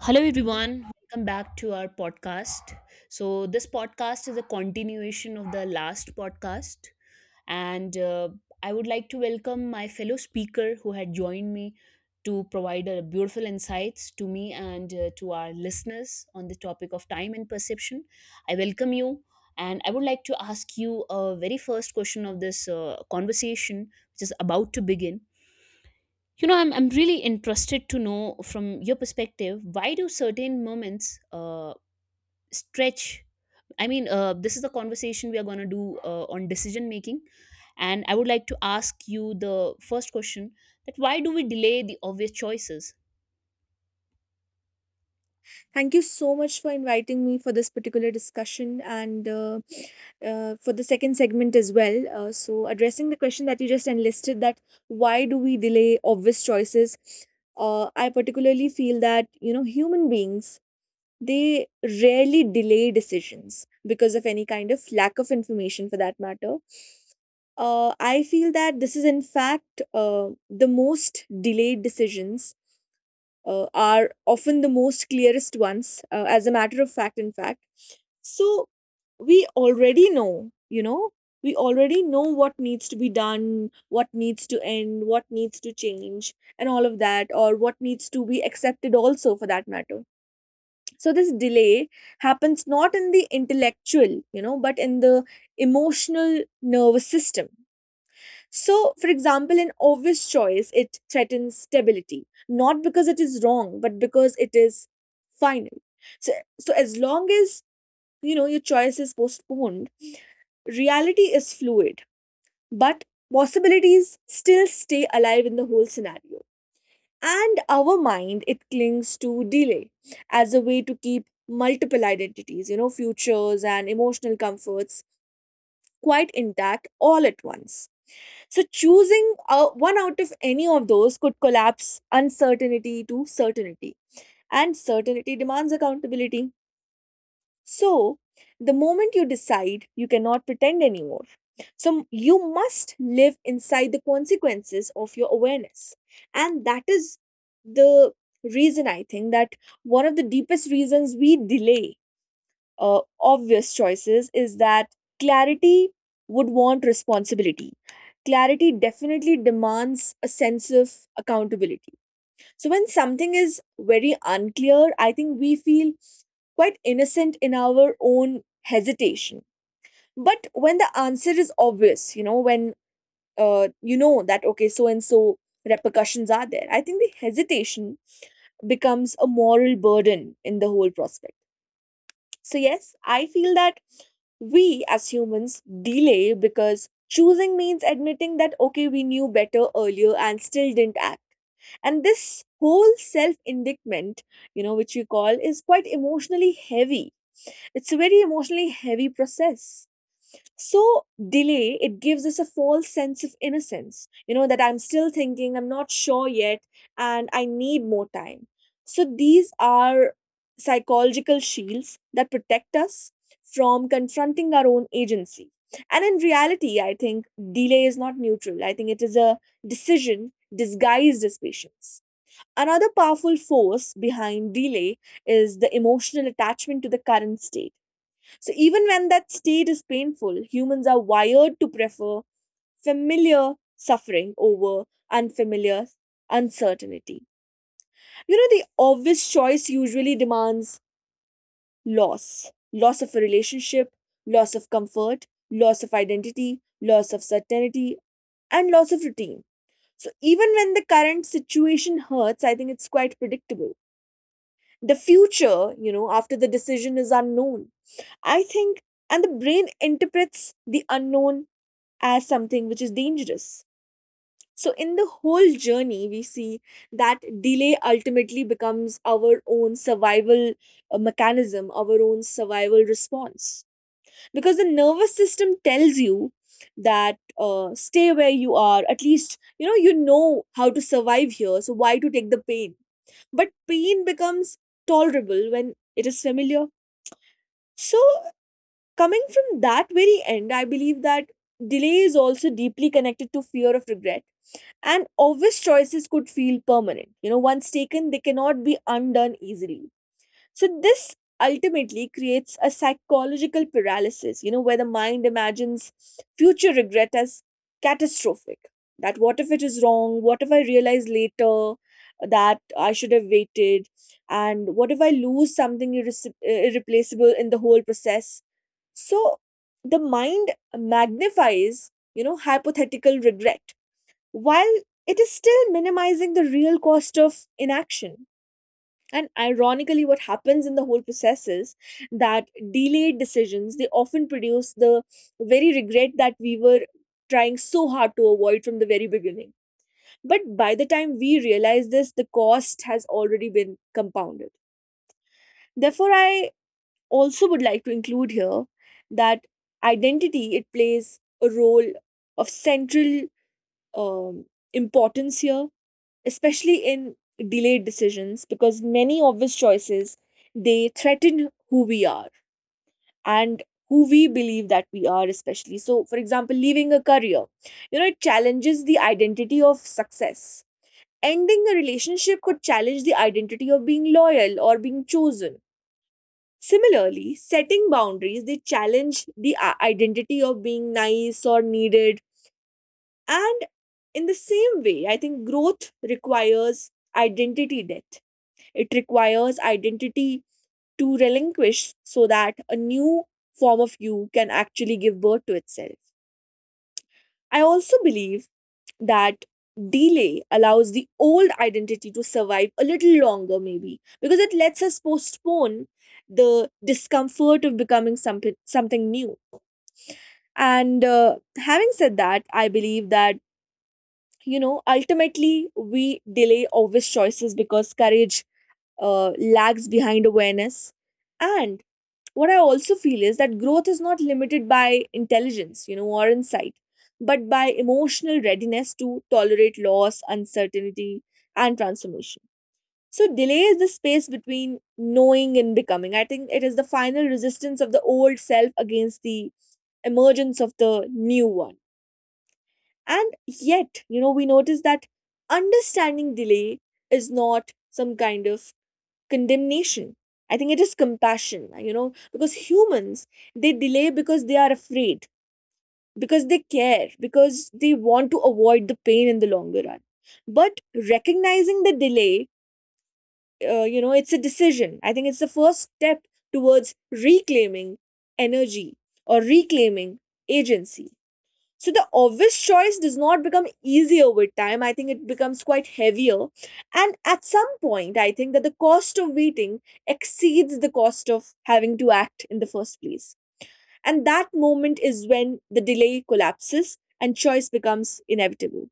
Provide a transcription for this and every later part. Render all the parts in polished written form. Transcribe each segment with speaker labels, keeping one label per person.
Speaker 1: Hello, everyone. Welcome back to our podcast. So, this podcast is a continuation of the last podcast. And I would like to welcome my fellow speaker who had joined me to provide a beautiful insights to me and to our listeners on the topic of time and perception. I welcome you. And I would like to ask you a very first question of this conversation, which is about to begin. You know, I'm really interested to know from your perspective why do certain moments stretch? I mean, this is the conversation we are going to do on decision making. And I would like to ask you the first question that why do we delay the obvious choices?
Speaker 2: Thank you so much for inviting me for this particular discussion and for the second segment as well. Addressing the question that you just enlisted, that why do we delay obvious choices? I particularly feel that, you know, human beings, they rarely delay decisions because of any kind of lack of information for that matter. I feel that this is, in fact, the most delayed decisions are often the most clearest ones, as a matter of fact, in fact. So we already know, you know, we already know what needs to be done, what needs to end, what needs to change, and all of that, or what needs to be accepted also for that matter. So this delay happens not in the intellectual, you know, but in the emotional nervous system. So, for example, an obvious choice, it threatens stability, not because it is wrong, but because it is final. So, so as long as, you know, your choice is postponed, reality is fluid, but possibilities still stay alive in the whole scenario. And our mind, it clings to delay as a way to keep multiple identities, you know, futures and emotional comforts quite intact all at once. So choosing one out of any of those could collapse uncertainty to certainty, and certainty demands accountability. So, the moment you decide, you cannot pretend anymore. So, you must live inside the consequences of your awareness. And that is the reason I think that one of the deepest reasons we delay obvious choices is that clarity would want responsibility. Clarity definitely demands a sense of accountability. So, when something is very unclear, I think we feel quite innocent in our own hesitation. But when the answer is obvious, you know, when you know that, okay, so and so repercussions are there, I think the hesitation becomes a moral burden in the whole prospect. So, yes, I feel that we as humans delay because choosing means admitting that, okay, we knew better earlier and still didn't act. And this whole self indictment, you know, which we call, is quite emotionally heavy. It's a very emotionally heavy process. So, delay, it gives us a false sense of innocence, you know, that I'm still thinking, I'm not sure yet, and I need more time. So, these are psychological shields that protect us from confronting our own agency. And in reality, I think delay is not neutral. I think it is a decision disguised as patience. Another powerful force behind delay is the emotional attachment to the current state. So even when that state is painful, humans are wired to prefer familiar suffering over unfamiliar uncertainty. You know, the obvious choice usually demands loss of a relationship, loss of comfort, loss of identity, loss of certainty, and loss of routine. So even when the current situation hurts, I think it's quite predictable. The future, you know, after the decision is unknown, I think, and the brain interprets the unknown as something which is dangerous. So, in the whole journey, we see that delay ultimately becomes our own survival mechanism, our own survival response. Because the nervous system tells you that, stay where you are, at least you know how to survive here, so why to take the pain? But pain becomes tolerable when it is familiar. So, coming from that very end, I believe that delay is also deeply connected to fear of regret. And obvious choices could feel permanent. You know, once taken, they cannot be undone easily. So this ultimately creates a psychological paralysis, you know, where the mind imagines future regret as catastrophic. That what if it is wrong? What if I realize later that I should have waited? And what if I lose something irreplaceable in the whole process? So the mind magnifies, you know, hypothetical regret while it is still minimizing the real cost of inaction. And ironically, what happens in the whole process is that delayed decisions, they often produce the very regret that we were trying so hard to avoid from the very beginning. But by the time we realize this, the cost has already been compounded. Therefore, I also would like to include here that identity, it plays a role of central um, importance here, especially in delayed decisions, because many obvious choices, they threaten who we are and who we believe that we are. Especially so, for example, leaving a career, you know, it challenges the identity of success. Ending a relationship could challenge the identity of being loyal or being chosen. Similarly, setting boundaries, they challenge the identity of being nice or needed. And in the same way, I think growth requires identity death. It requires identity to relinquish so that a new form of you can actually give birth to itself. I also believe that delay allows the old identity to survive a little longer, maybe, because it lets us postpone the discomfort of becoming something, something new. And having said that, I believe that, you know, ultimately we delay obvious choices because courage lags behind awareness. And what I also feel is that growth is not limited by intelligence, you know, or insight, but by emotional readiness to tolerate loss, uncertainty, and transformation. So, delay is the space between knowing and becoming. I think it is the final resistance of the old self against the emergence of the new one. And yet, you know, we notice that understanding delay is not some kind of condemnation. I think it is compassion, you know, because humans, they delay because they are afraid, because they care, because they want to avoid the pain in the longer run. But recognizing the delay, you know, it's a decision. I think it's the first step towards reclaiming energy, or reclaiming agency. So the obvious choice does not become easier with time. I think it becomes quite heavier. And at some point, I think that the cost of waiting exceeds the cost of having to act in the first place. And that moment is when the delay collapses and choice becomes inevitable.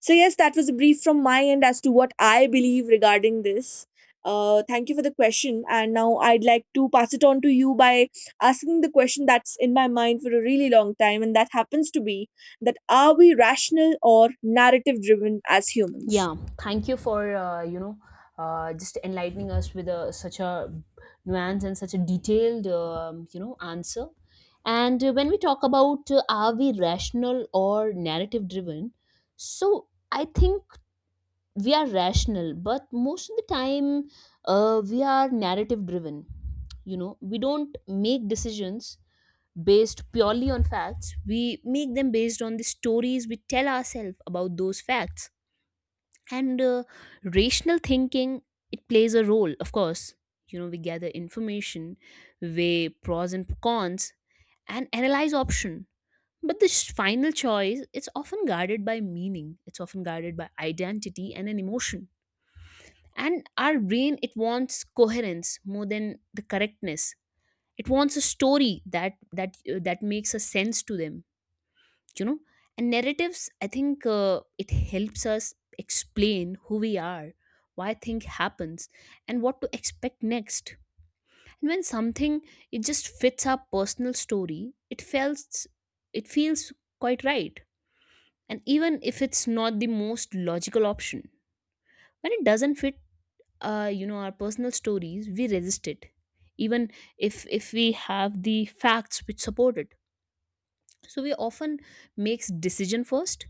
Speaker 2: So, yes, that was a brief from my end as to what I believe regarding this. Thank you for the question. And now I'd like to pass it on to you by asking the question that's in my mind for a really long time, and that happens to be that are we rational or narrative driven as humans?
Speaker 1: Yeah, thank you for just enlightening us with a, such a nuance and such a detailed answer. And when we talk about are we rational or narrative driven, so I think we are rational, but most of the time we are narrative driven. You know, we don't make decisions based purely on facts. We make them based on the stories we tell ourselves about those facts and rational thinking, it plays a role, of course. You know, we gather information, weigh pros and cons, and analyze option, but this final choice, it's often guarded by meaning, it's often guarded by identity and an emotion. And our brain, it wants coherence more than the correctness. It wants a story that makes a sense to them, you know. And narratives, I think, it helps us explain who we are, why thing happens, and what to expect next. And when something, it just fits our personal story, it feels, it feels quite right, and even if it's not the most logical option, when it doesn't fit, you know, our personal stories, we resist it, even if we have the facts which support it. So we often makes decision first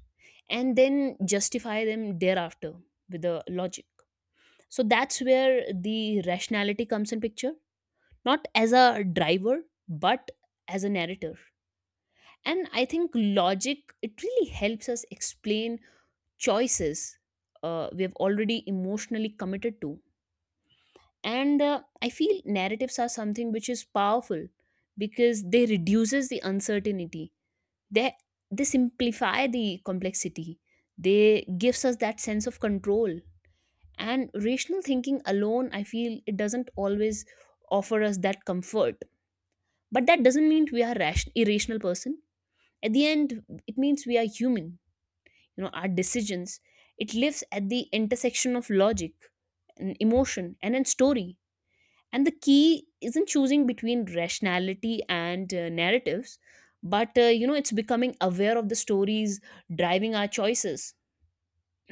Speaker 1: and then justify them thereafter with the logic. So that's where the rationality comes in picture, not as a driver, but as a narrator. And I think logic, it really helps us explain choices we have already emotionally committed to. And I feel narratives are something which is powerful because they reduces the uncertainty. They, they simplify the complexity. They gives us that sense of control, and rational thinking alone, I feel, it doesn't always offer us that comfort. But that doesn't mean we are irrational person. At the end, it means we are human. You know, our decisions, it lives at the intersection of logic and emotion and then story. And the key isn't choosing between rationality and narratives, but you know, it's becoming aware of the stories driving our choices.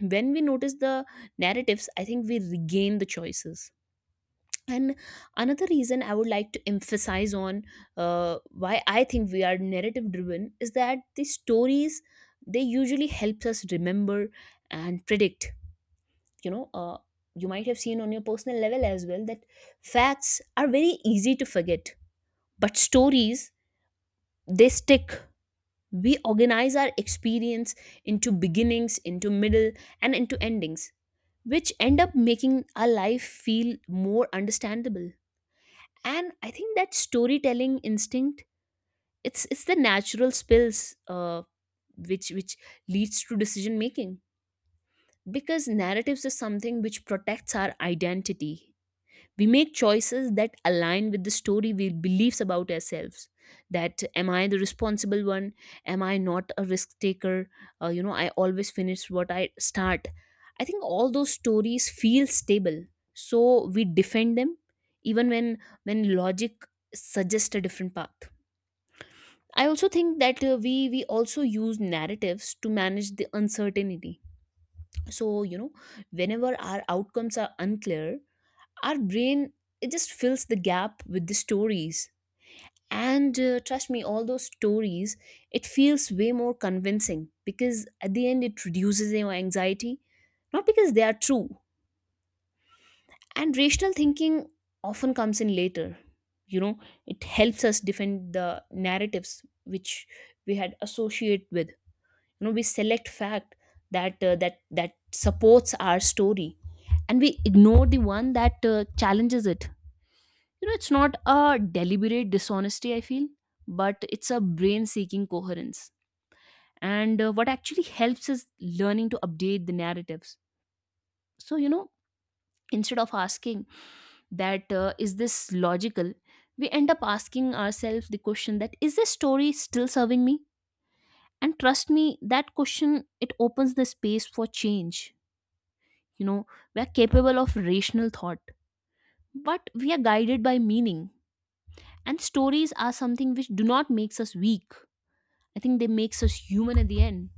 Speaker 1: When we notice the narratives, I think we regain the choices. And another reason I would like to emphasize on why I think we are narrative driven is that the stories, they usually helps us remember and predict. You know, you might have seen on your personal level as well that facts are very easy to forget, but stories, they stick. We organize our experience into beginnings, into middle, and into endings, which end up making our life feel more understandable. And I think that storytelling instinct, it's the natural spills, which leads to decision making, because narratives is something which protects our identity. We make choices that align with the story we believes about ourselves. That am I the responsible one, am I not a risk taker? You know, I always finish what I start. I think all those stories feel stable, so we defend them even when logic suggests a different path. I also think that we also use narratives to manage the uncertainty. So, you know, whenever our outcomes are unclear, our brain, it just fills the gap with the stories. And trust me, all those stories, it feels way more convincing because at the end it reduces your anxiety, not because they are true. And rational thinking often comes in later, you know, it helps us defend the narratives which we had associate with. You know, we select fact that that supports our story, and we ignore the one that challenges it. You know, it's not a deliberate dishonesty, I feel, but it's a brain seeking coherence. And what actually helps is learning to update the narratives. So, you know, instead of asking that, is this logical, we end up asking ourselves the question that, is this story still serving me? And trust me, that question, it opens the space for change. You know, we're capable of rational thought, but we are guided by meaning. And stories are something which do not makes us weak. I think they makes us human at the end.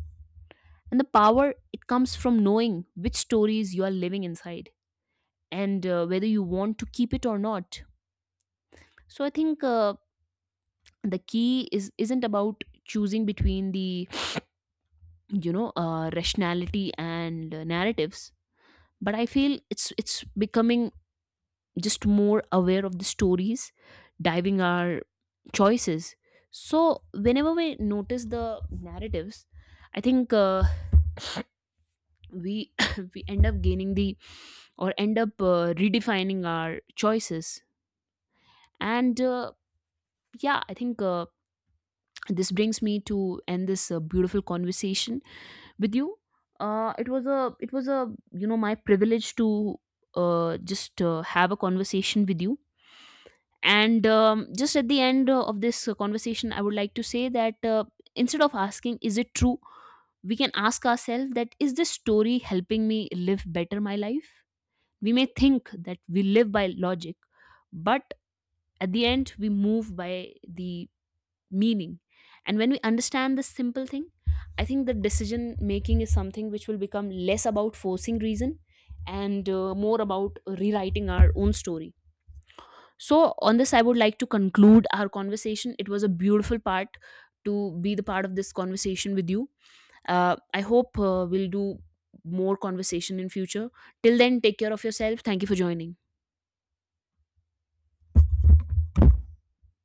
Speaker 1: And the power, it comes from knowing which stories you are living inside, and whether you want to keep it or not. So I think the key is isn't about choosing between the, rationality and narratives, but I feel it's becoming just more aware of the stories, diving our choices. So whenever we notice the narratives, I think. We we end up gaining the, or end up redefining our choices and yeah, I think, this brings me to end this beautiful conversation with you. It was a you know, my privilege to just have a conversation with you. And just at the end of this conversation, I would like to say that, instead of asking is it true, we can ask ourselves that, is this story helping me live better my life? We may think that we live by logic, but at the end, we move by the meaning. And when we understand this simple thing, I think the decision making is something which will become less about forcing reason and more about rewriting our own story. So, on this, I would like to conclude our conversation. It was a beautiful part to be the part of this conversation with you. I hope we'll do more conversation in future. Till then, take care of yourself. Thank you for joining.